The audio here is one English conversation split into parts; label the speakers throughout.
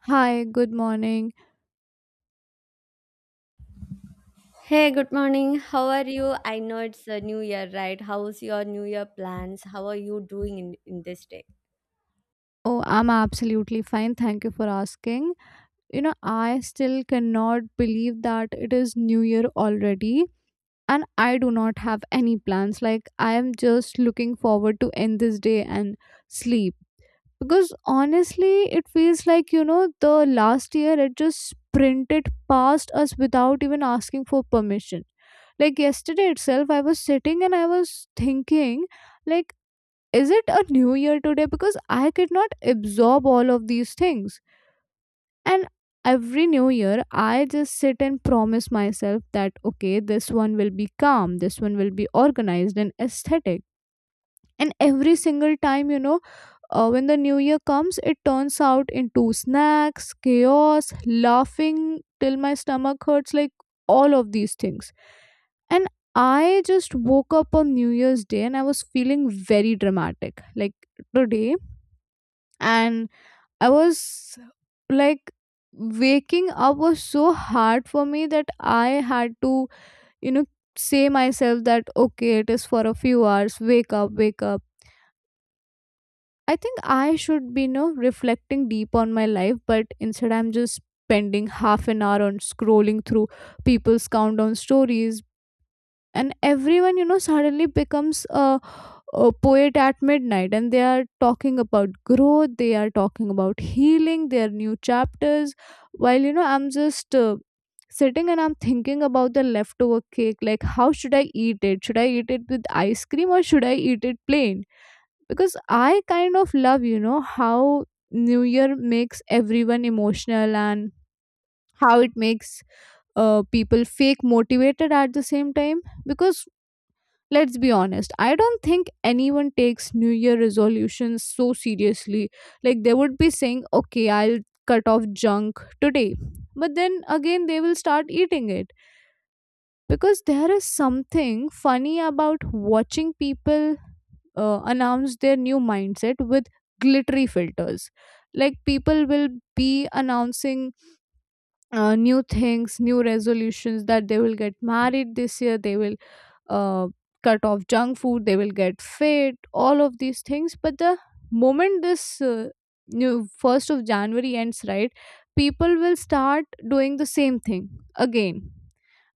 Speaker 1: Hi, good morning.
Speaker 2: Hey, good morning. How are you? I know it's a new year, right? How's your new year plans? How are you doing in this day?
Speaker 1: Oh, I'm absolutely fine. Thank you for asking. I still cannot believe that it is New Year already, and I do not have any plans. Like, I am just looking forward to end this day and sleep. Because honestly, it feels like, the last year it just sprinted past us without even asking for permission. Like yesterday itself, I was sitting and I was thinking, like, is it a new year today? Because I could not absorb all of these things. And every new year, I just sit and promise myself that, okay, this one will be calm, this one will be organized and aesthetic. And every single time, when the new year comes, it turns out into snacks, chaos, laughing till my stomach hurts, like all of these things. And I just woke up on new year's day, and I was feeling very dramatic, like today. And I was, like, waking up was so hard for me that I had to, you know say myself that, okay, it is for a few hours. Wake up, wake up. I think I should be, reflecting deep on my life, but instead I'm just spending half an hour on scrolling through people's countdown stories. And everyone, suddenly becomes a poet at midnight, and they are talking about growth, they are talking about healing, their new chapters. While, I'm just sitting and I'm thinking about the leftover cake, like, how should I eat it? Should I eat it with ice cream, or should I eat it plain? Because I kind of love, how new year makes everyone emotional, and how it makes people fake motivated at the same time. Because, let's be honest, I don't think anyone takes new year resolutions so seriously. Like, they would be saying, okay, I'll cut off junk today, but then again, they will start eating it. Because there is something funny about watching people announce their new mindset with glittery filters. Like, people will be announcing new things, new resolutions, that they will get married this year, they will uh, cut off junk food, they will get fit, all of these things. But the moment this new 1st of January ends, right, people will start doing the same thing again.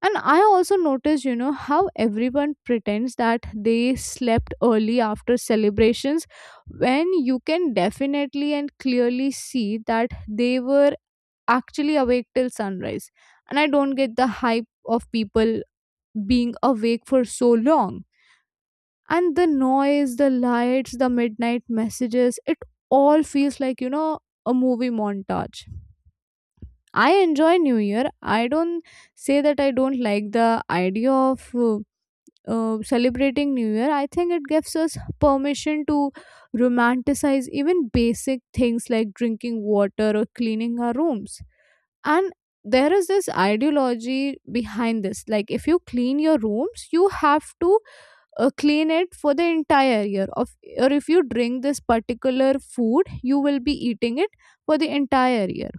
Speaker 1: And I also noticed, how everyone pretends that they slept early after celebrations, when you can definitely and clearly see that they were actually awake till sunrise. And I don't get the hype of people being awake for so long. And the noise, the lights, the midnight messages, it all feels like, a movie montage. I enjoy New Year. I don't say that I don't like the idea of celebrating new year. I think it gives us permission to romanticize even basic things, like drinking water or cleaning our rooms. And there is this ideology behind this, like if you clean your rooms you have to clean it for the entire year of, or if you drink this particular food you will be eating it for the entire year.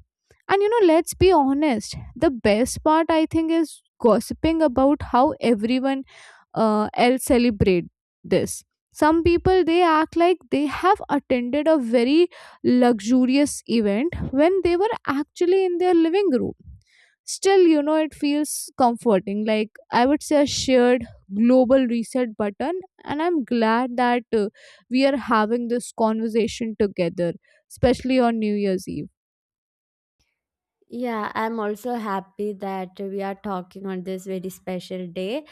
Speaker 1: And, let's be honest, the best part I think is gossiping about how everyone else celebrate this. Some people, they act like they have attended a very luxurious event, when they were actually in their living room. Still, it feels comforting, like, I would say, a shared global reset button. And I'm glad that we are having this conversation together, especially on new year's eve.
Speaker 2: Yeah, I'm also happy that we are talking on this very special day.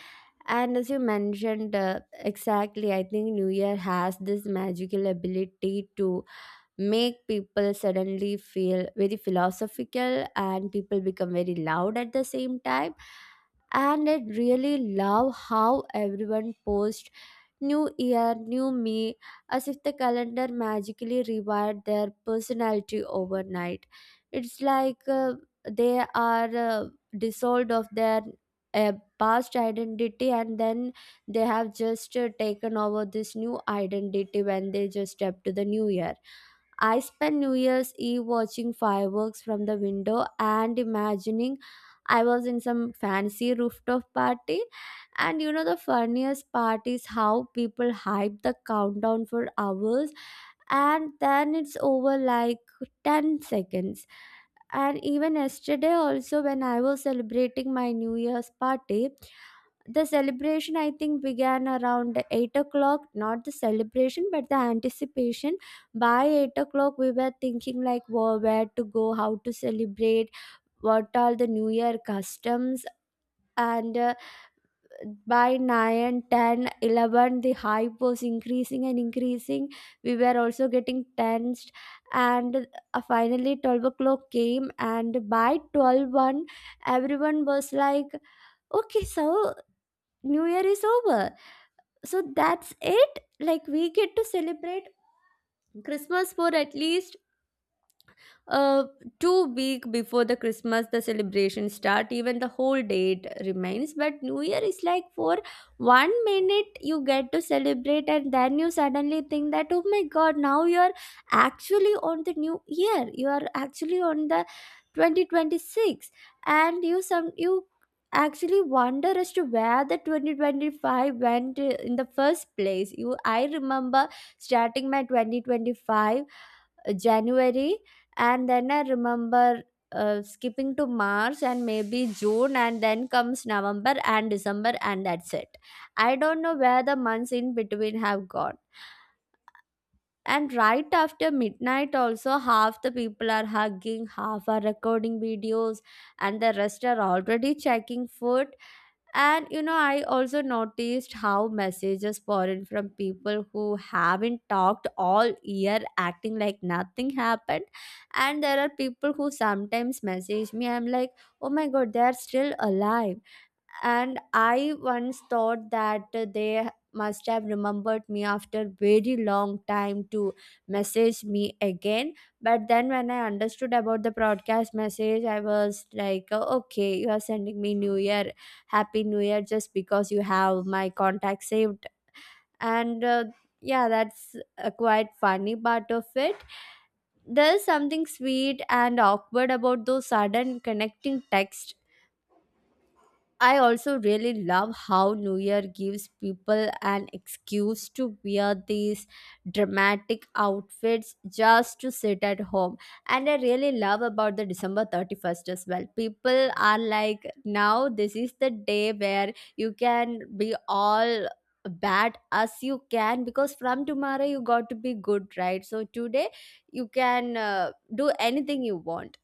Speaker 2: And as you mentioned, exactly, I think New Year has this magical ability to make people suddenly feel very philosophical and people become very loud at the same time, and I really love how everyone posts, "new year new me," as if the calendar magically rewired their personality overnight. It's like they are dissolved of their uh, past identity, and then they have just taken over this new identity when they just step to the new year. I spent New Year's Eve watching fireworks from the window and imagining I was in some fancy rooftop party. And you know, the funniest part is how people hype the countdown for hours and then it's over like 10 seconds. And even yesterday, also, when I was celebrating my New Year's party, the celebration I think began around 8 o'clock. Not the celebration, but the anticipation. By 8 o'clock we were thinking like where to go, how to celebrate, what are the new year customs. And by 9, 10, 11, the hype was increasing and increasing. We were also getting tensed, and finally 12 o'clock came, and by twelve one, everyone was like, okay, so new year is over. So that's it, like, we get to celebrate Christmas for at least, uh, 2 week before the Christmas, the celebration start. Even the whole date remains. But New Year is like for 1 minute you get to celebrate, and then you suddenly think that, oh my god, now you are actually on the new year. You are actually on the 2026, and you some you actually wonder as to where the 2025 went, in the first place. You i remember starting my 2025, January, and then I remember skipping to march and maybe june, and then comes november and december, and that's it. I don't know where the months in between have gone. And right after midnight also, half the people are hugging, half are recording videos, and the rest are already checking food. And you know, I also noticed how messages pour in from people who haven't talked all year, acting like nothing happened. And there are people who sometimes message me, I'm like, oh my god, they are still alive. And I once thought that they must have remembered me after very long time to message me again. But then when I understood about the broadcast message, I was like, "Oh, okay, you are sending me new year, happy new year just because you have my contact saved." And yeah, that's a quite funny part of it. There's something sweet and awkward about those sudden connecting texts. I also really love how New Year gives people an excuse to wear these dramatic outfits just to sit at home. And I really love about the December 31st as well. People are like, now this is the day where you can be all bad as you can, because from tomorrow you got to be good, right? So today you can do anything you want.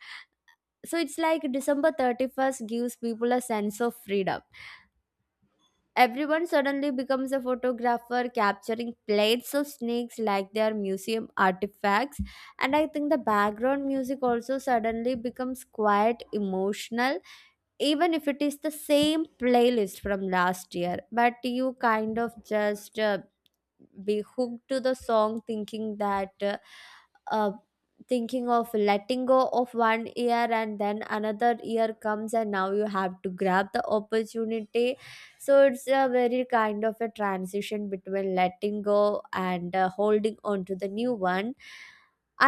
Speaker 2: So it's like December 31st gives people a sense of freedom. Everyone suddenly becomes a photographer, capturing plates of snakes like they are museum artifacts. And I think the background music also suddenly becomes quite emotional, even if it is the same playlist from last year. But you kind of just be hooked to the song, thinking that. uh, thinking of letting go of 1 year, and then another year comes and now you have to grab the opportunity. So it's a very kind of a transition between letting go and, holding on to the new one.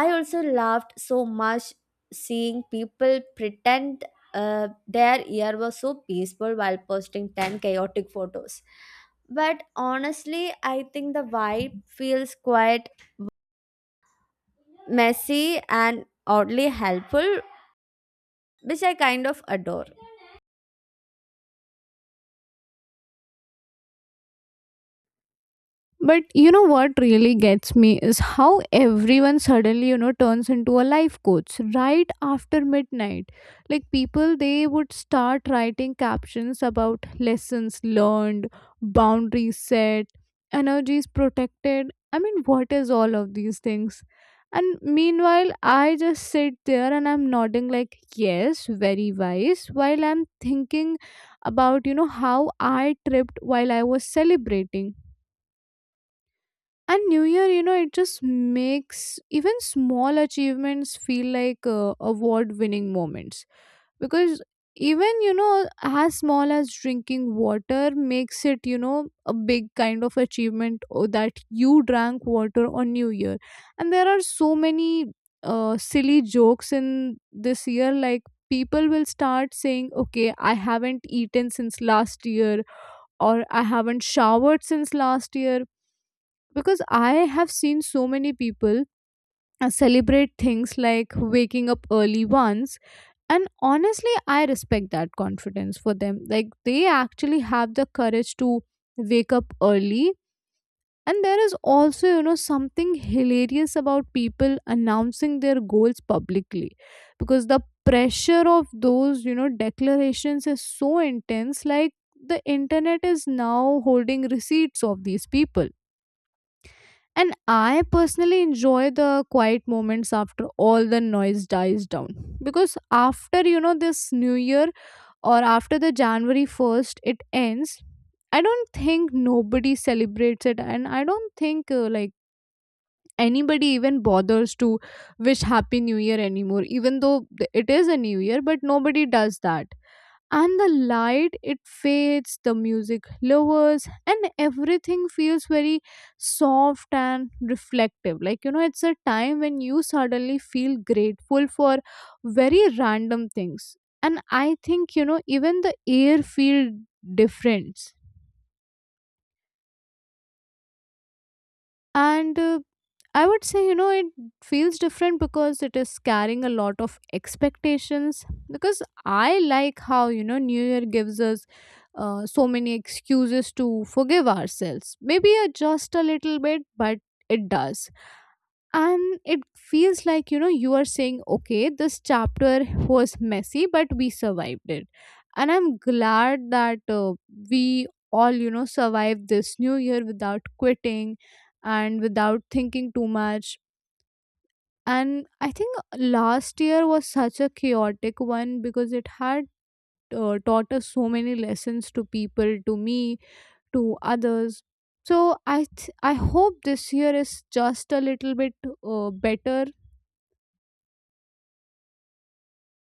Speaker 2: I also laughed so much seeing people pretend their year was so peaceful while posting 10 chaotic photos. But honestly I think the vibe feels quite messy and oddly helpful, which I kind of adore.
Speaker 1: But you know what really gets me is how everyone suddenly, turns into a life coach right after midnight. Like, people, they would start writing captions about lessons learned, boundaries set, energies protected. I mean, what is all of these things? And meanwhile, I just sit there and I'm nodding, like, yes, very wise, while I'm thinking about, how I tripped while I was celebrating. And new year, it just makes even small achievements feel like award winning moments, because even, as small as drinking water, makes it, a big kind of achievement, that you drank water on new year. And there are so many silly jokes in this year. Like, people will start saying, okay, I haven't eaten since last year, or I haven't showered since last year, because I have seen so many people celebrate things like waking up early once. And honestly, I respect that confidence for them. Like, they actually have the courage to wake up early. And there is also, something hilarious about people announcing their goals publicly, because the pressure of those, declarations is so intense, like the internet is now holding receipts of these people. And I personally enjoy the quiet moments after all the noise dies down. Because after, this new year, or after the January 1st, it ends. I don't think nobody celebrates it. And I don't think, like, anybody even bothers to wish Happy New Year anymore, even though it is a new year, but nobody does that. And the light, it fades, the music lowers, and everything feels very soft and reflective. Like, it's a time when you suddenly feel grateful for very random things. And I think, even the air feel different. And I would say, it feels different because it is carrying a lot of expectations. Because I like how, New Year gives us so many excuses to forgive ourselves. Maybe just a little bit, but it does. And it feels like, you are saying, okay, this chapter was messy, but we survived it. And I'm glad that we all, survived this New Year without quitting and without thinking too much. And I think last year was such a chaotic one, because it had taught us so many lessons, to people, to me, to others. So I hope this year is just a little bit better.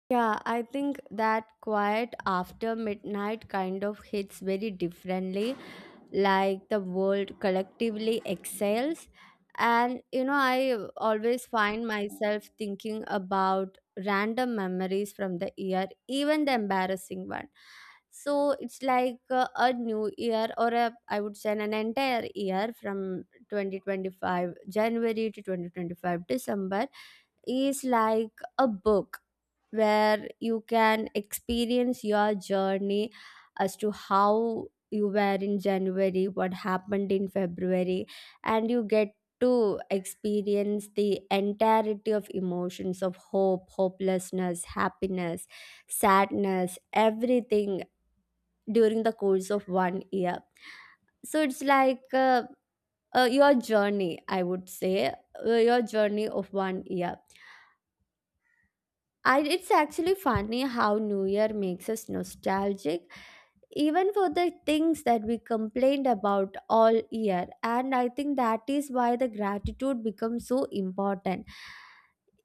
Speaker 2: Yeah, I think that quiet after midnight kind of hits very differently, like the world collectively excels. And you know, I always find myself thinking about random memories from the year, even the embarrassing one. So it's like a new year, or a I would say an entire year from 2025 january to 2025 december is like a book where you can experience your journey, as to how you were in January, what happened in February, and you get to experience the entirety of emotions of hope, hopelessness, happiness, sadness, everything during the course of 1 year. So it's like your journey, I would say, your journey of 1 year. It's actually funny how New Year makes us nostalgic, even for the things that we complained about all year. And I think that is why the gratitude becomes so important.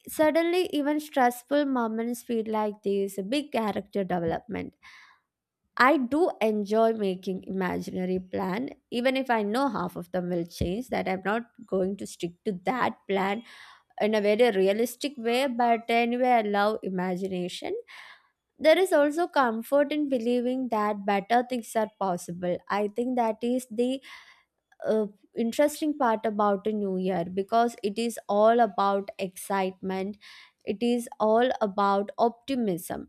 Speaker 2: Suddenly, even stressful moments feel like there is a big character development. I do enjoy making imaginary plan, even if I know half of them will change. That I'm not going to stick to that plan in a very realistic way, but anyway, I love imagination. There is also comfort in believing that better things are possible. I think that is the uh, interesting part about a new year, because it is all about excitement, it is all about optimism.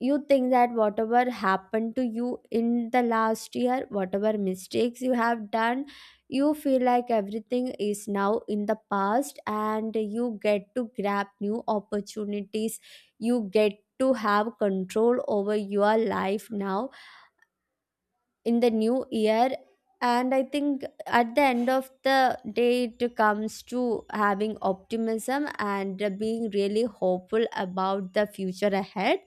Speaker 2: You think that whatever happened to you in the last year, whatever mistakes you have done, you feel like everything is now in the past, and you get to grab new opportunities, you get to have control over your life now, in the new year. And I think at the end of the day, it comes to having optimism and being really hopeful about the future ahead.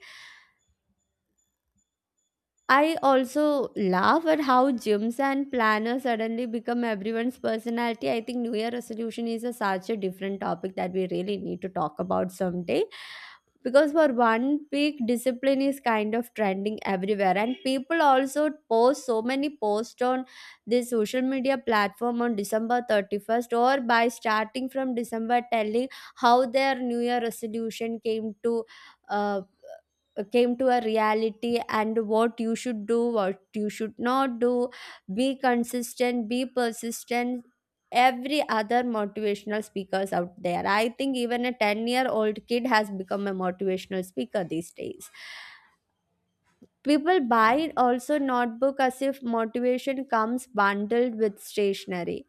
Speaker 2: I also laugh at how gyms and planners suddenly become everyone's personality. I think New Year resolution is a, such a different topic that we really need to talk about someday. Because for 1 week, discipline is kind of trending everywhere, and people also post so many posts on this social media platform on December 31st, or by starting from December, telling how their New Year resolution Uh, came to a reality and what you should do, what you should not do, be consistent, be persistent. Every other motivational speakers out there, I think even a 10-year-old year old kid has become a motivational speaker these days. People buy also notebook as if motivation comes bundled with stationery.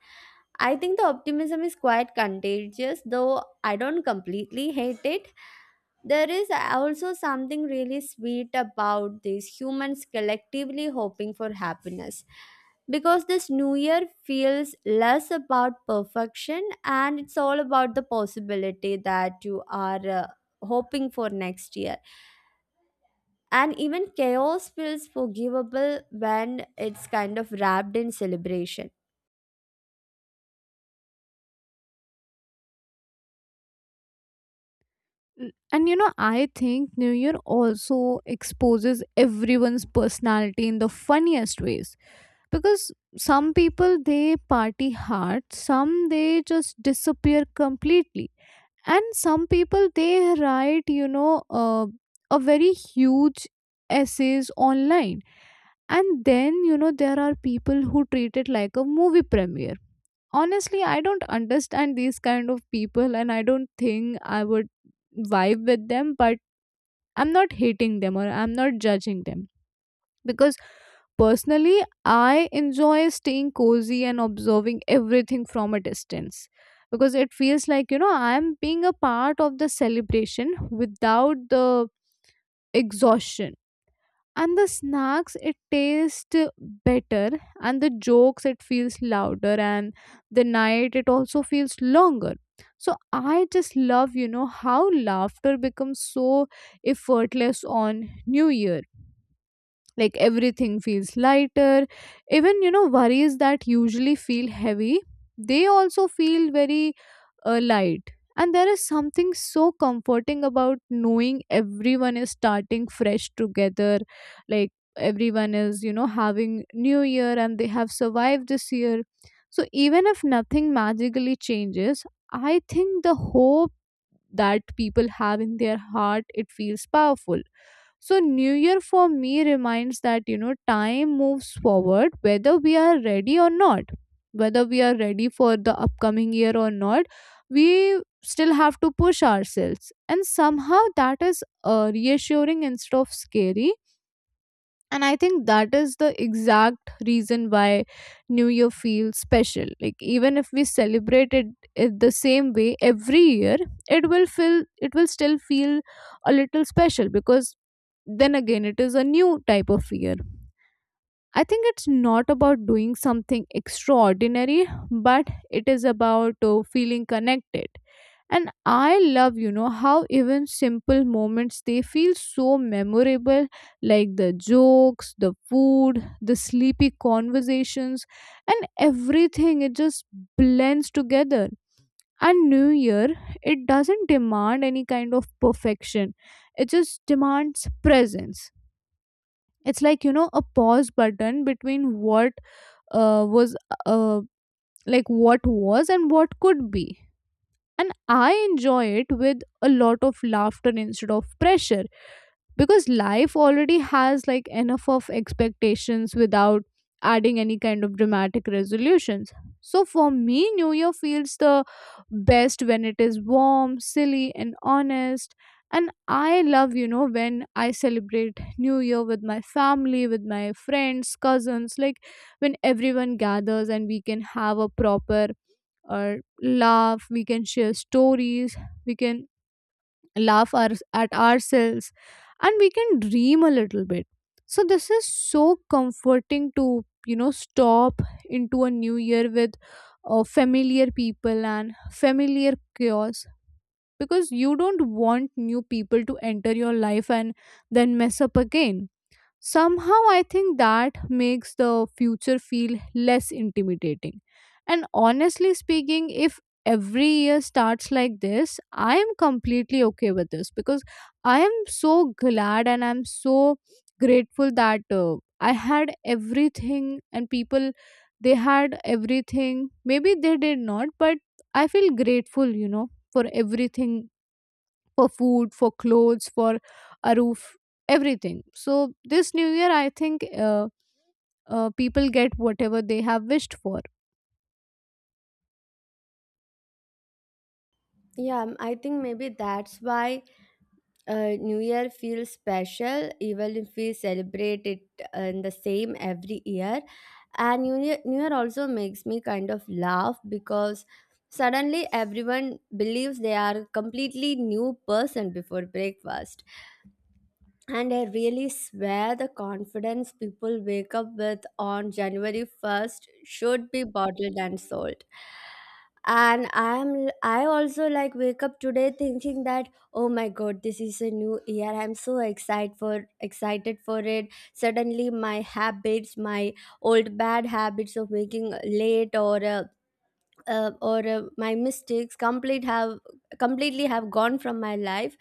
Speaker 2: I think the optimism is quite contagious, though I don't completely hate it. There is also something really sweet about these humans collectively hoping for happiness. Because this new year feels less about perfection and it's all about the possibility that you are hoping for next year. And even chaos feels forgivable when it's kind of wrapped in celebration.
Speaker 1: And I think new year also exposes everyone's personality in the funniest ways, because some people, they party hard, some they just disappear completely. And some people, they write, a very huge essays online. And then, there are people who treat it like a movie premiere. Honestly, I don't understand these kind of people, and I don't think I would vibe with them. But I'm not hating them or I'm not judging them, because personally, I enjoy staying cozy and observing everything from a distance, because it feels like, I'm being a part of the celebration without the exhaustion. And the snacks, it tastes better, and the jokes, it feels louder, and the night, it also feels longer. So I just love, how laughter becomes so effortless on New Year. Like, everything feels lighter, even, worries that usually feel heavy, they also feel very light. And there is something so comforting about knowing everyone is starting fresh together, like everyone is, having new year, and they have survived this year. So even if nothing magically changes, I think the hope that people have in their heart, it feels powerful. So new year for me reminds that, time moves forward, whether we are ready or not, whether we are ready for the upcoming year or not. We still have to push ourselves, and somehow that is reassuring instead of scary. And I think that is the exact reason why new year feels special. Like, even if we celebrate it, it the same way every year, it will still feel a little special, because then again, it is a new type of year. I think it's not about doing something extraordinary, but it is about feeling connected. And I love, how even simple moments, they feel so memorable. Like the jokes, the food, the sleepy conversations, and everything, it just blends together. And new year, it doesn't demand any kind of perfection, it just demands presence. It's like, a pause button between uh, was uh, what was and what could be. And I enjoy it with a lot of laughter instead of pressure, because life already has, like, enough of expectations without adding any kind of dramatic resolutions. So for me, new year feels the best when it is warm, silly, and honest. And I love, when I celebrate new year with my family, with my friends, cousins, like when everyone gathers, and we can have a proper, or laugh, we can share stories, we can laugh at ourselves, and we can dream a little bit. So this is so comforting to stop into a new year with familiar people and familiar chaos because you don't want new people to enter your life and then mess up again. Somehow, I think that makes the future feel less intimidating. And honestly speaking, if every year starts like this, I am completely okay with this because I am so glad and I'm so grateful that I had everything and people they had everything. Maybe they did not, but I feel grateful, you know, for everything, for food, for clothes, for a roof, everything. So this new year, I think people get whatever they have wished for.
Speaker 2: Yeah, I think maybe that's why New Year feels special even if we celebrate it in the same every year. And New Year also makes me kind of laugh because suddenly everyone believes they are completely new person before breakfast. And I really swear the confidence people wake up with on January 1st should be bottled and sold. And I also like wake up today thinking that, oh my god, this is a new year, I'm so excited for, excited for it. Suddenly my habits, my old bad habits of making late, or my mistakes completely have gone from my life.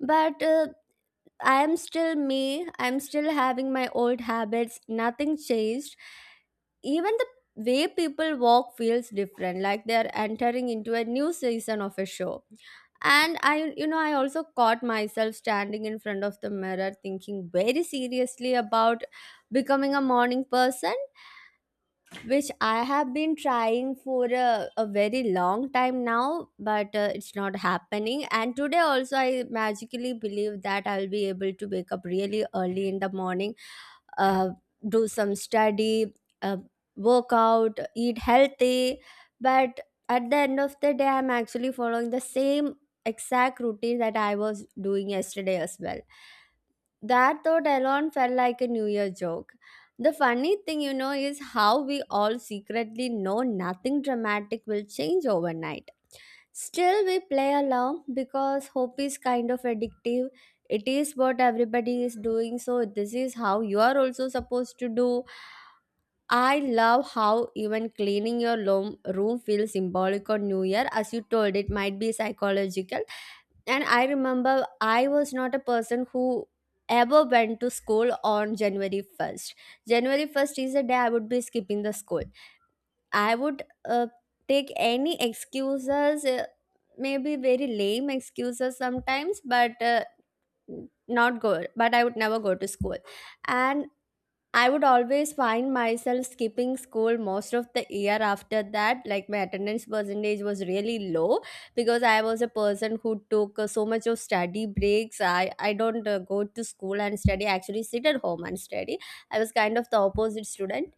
Speaker 2: But I am still me. I'm still having my old habits. Nothing changed. Even the way people walk feels different, like they're entering into a new season of a show. And I, you know, I also caught myself standing in front of the mirror thinking very seriously about becoming a morning person, which I have been trying for a very long time now, but it's not happening. And today also, I magically believe that I'll be able to wake up really early in the morning, uh, do some study, uh, work out, eat healthy. But at the end of the day, I'm actually following the same exact routine that I was doing yesterday as well. That thought alone felt like a New Year joke. The funny thing, you know, is how we all secretly know nothing dramatic will change overnight. Still, we play along because hope is kind of addictive. It is what everybody is doing, so this is how you are also supposed to do. I love how even cleaning your lo room feels symbolic on New Year. As you told, it might be psychological. And I remember I was not a person who ever went to school on January 1st. January 1st is a day I would be skipping the school. I would take any excuses, maybe very lame excuses sometimes, but not go. But I would never go to school and I would always find myself skipping school most of the year after that. Like my attendance percentage was really low because I was a person who took so much of study breaks. I don't go to school and study, I actually sit at home and study. I was kind of the opposite student,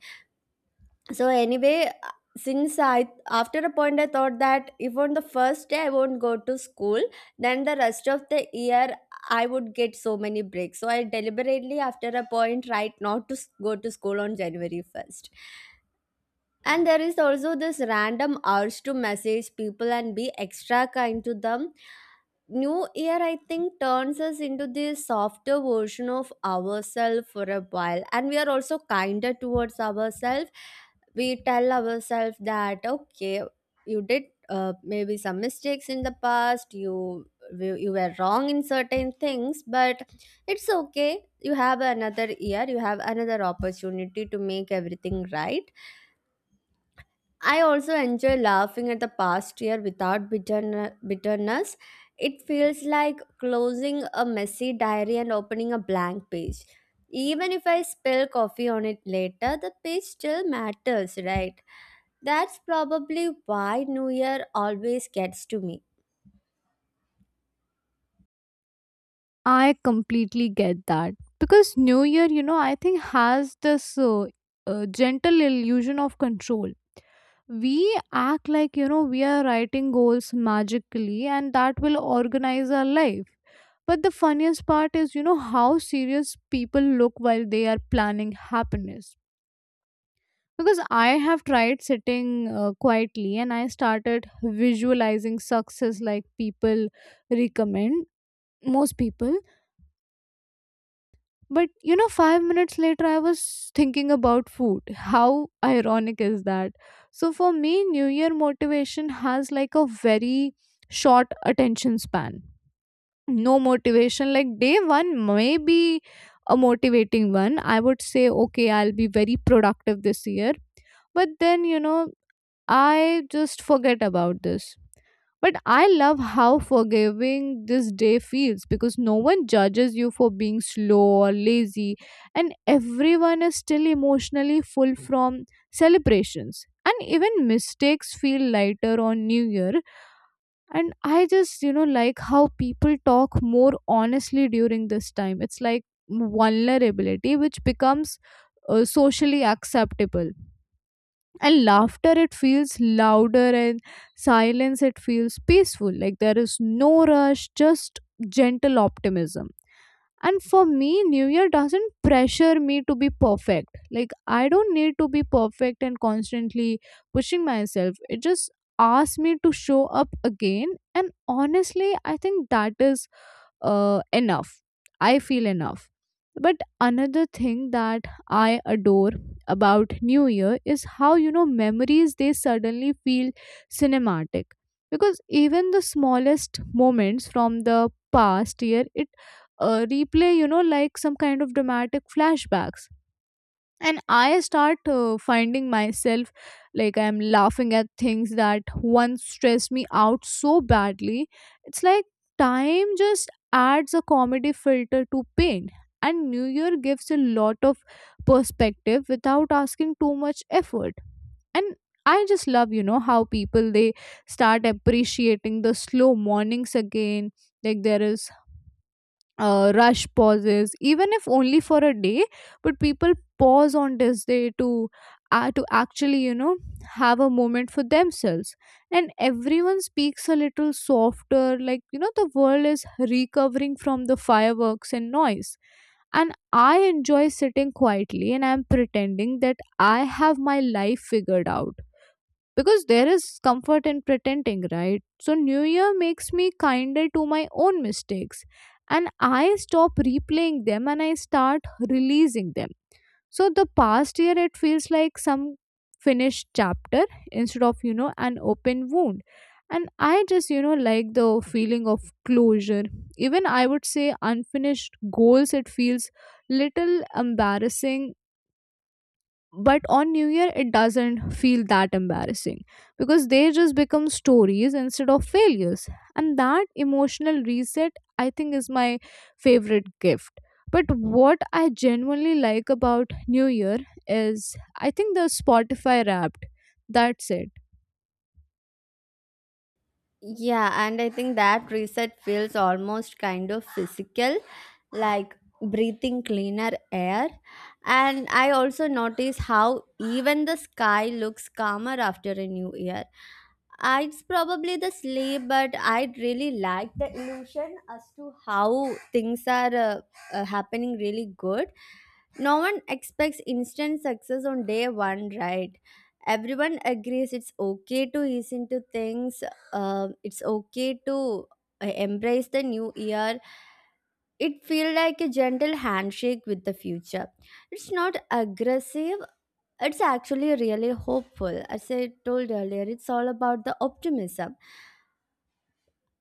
Speaker 2: so anyway, since I after a point I thought that if on the first day I won't go to school, then the rest of the year I would get so many breaks, so I deliberately after a point right not to go to school on january 1st. And there is also this random urge to message people and be extra kind to them. New Year, I think, turns us into the softer version of ourselves for a while, and we are also kinder towards ourselves. We tell ourselves that, okay, you did, maybe some mistakes in the past, you were wrong in certain things, but it's okay. You have another year, you have another opportunity to make everything right. I also enjoy laughing at the past year without bitterness. It feels like closing a messy diary and opening a blank page. Even if I spill coffee on it later, the page still matters, right? That's probably why New Year always gets to me.
Speaker 1: I completely get that because new year, you know, I think has this gentle illusion of control. We act like, you know, we are writing goals magically, and that will organize our life. But the funniest part is, you know, how serious people look while they are planning happiness. Because I have tried sitting quietly and I started visualizing success like people recommend, most people. But you know, 5 minutes later, I was thinking about food. How ironic is that? So for me, New Year motivation has like a very short attention span. No motivation. Like day one may be a motivating one. I would say, okay, I'll be very productive this year. But then, you know, I just forget about this. But I love how forgiving this day feels because no one judges you for being slow or lazy, and everyone is still emotionally full from celebrations. And even mistakes feel lighter on New Year. And I just, you know, like how people talk more honestly during this time. It's like vulnerability, which becomes socially acceptable, and laughter, it feels louder, and silence, it feels peaceful, like there is no rush, just gentle optimism. And for me, new year doesn't pressure me to be perfect. Like I don't need to be perfect and constantly pushing myself, it just asks me to show up again. And honestly, I think that is enough. I feel enough. But another thing that I adore about New Year is how, you know, memories they suddenly feel cinematic. Because even the smallest moments from the past year, it replay, you know, like some kind of dramatic flashbacks. And I start finding myself like I'm laughing at things that once stressed me out so badly. It's like time just adds a comedy filter to pain, and new year gives a lot of perspective without asking too much effort. And I just love, you know, how people they start appreciating the slow mornings again. Like there is rush pauses, even if only for a day. But people pause on this day to actually, you know, have a moment for themselves. And everyone speaks a little softer, like, you know, the world is recovering from the fireworks and noise. And I enjoy sitting quietly and I'm pretending that I have my life figured out, because there is comfort in pretending, right? So new year makes me kinder to my own mistakes, and I stop replaying them and I start releasing them. So the past year it feels like some finished chapter instead of, you know, an open wound. And I just, you know, like the feeling of closure. Even, I would say, unfinished goals, it feels little embarrassing, but on new year it doesn't feel that embarrassing, because they just become stories instead of failures. And that emotional reset, I think, is my favorite gift. But what I genuinely like about new year is, I think, the Spotify Wrapped. That's it.
Speaker 2: Yeah, and I think that reset feels almost kind of physical, like breathing cleaner air. And I also notice how even the sky looks calmer after a new year. It's probably the sleep, but I really like the illusion as to how things are, happening really good. No one expects instant success on day one, right? Everyone agrees it's okay to ease into things, it's okay to embrace the new year. It feels like a gentle handshake with the future. It's not aggressive, it's actually really hopeful. As I told earlier, it's all about the optimism.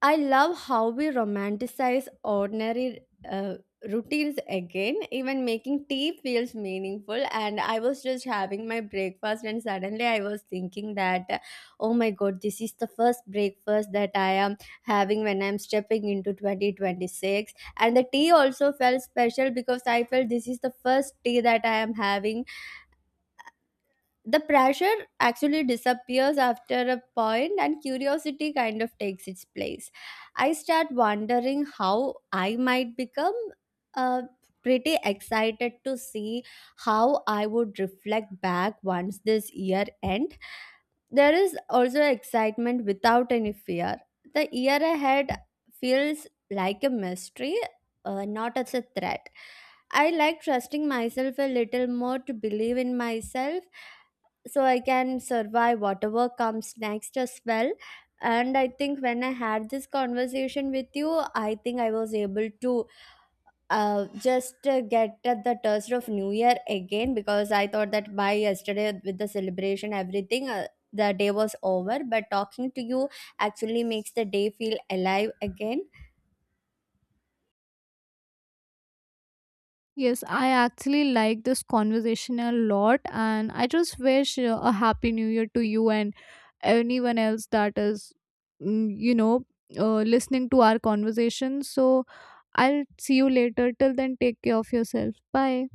Speaker 2: I love how we romanticize ordinary, uh, routines again. Even making tea feels meaningful. And I was just having my breakfast, and suddenly I was thinking that, oh my god, this is the first breakfast that I am having when I'm stepping into 2026. And the tea also felt special because I felt this is the first tea that I am having. The pressure actually disappears after a point, and curiosity kind of takes its place. I start wondering how I might become, uh, pretty excited to see how I would reflect back once this year end. There is also excitement without any fear. The year ahead feels like a mystery, not as a threat. I like trusting myself a little more to believe in myself, so I can survive whatever comes next as well. And I think when I had this conversation with you, I think I was able to, just get at the taste of New Year again, because I thought that by yesterday with the celebration, everything. The day was over, but talking to you actually makes the day feel alive again.
Speaker 1: Yes, I actually like this conversation a lot, and I just wish a happy new year to you and anyone else that is, you know, listening to our conversation. So I'll see you later. Till then, take care of yourself. Bye.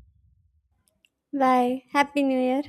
Speaker 2: Bye. Happy New Year.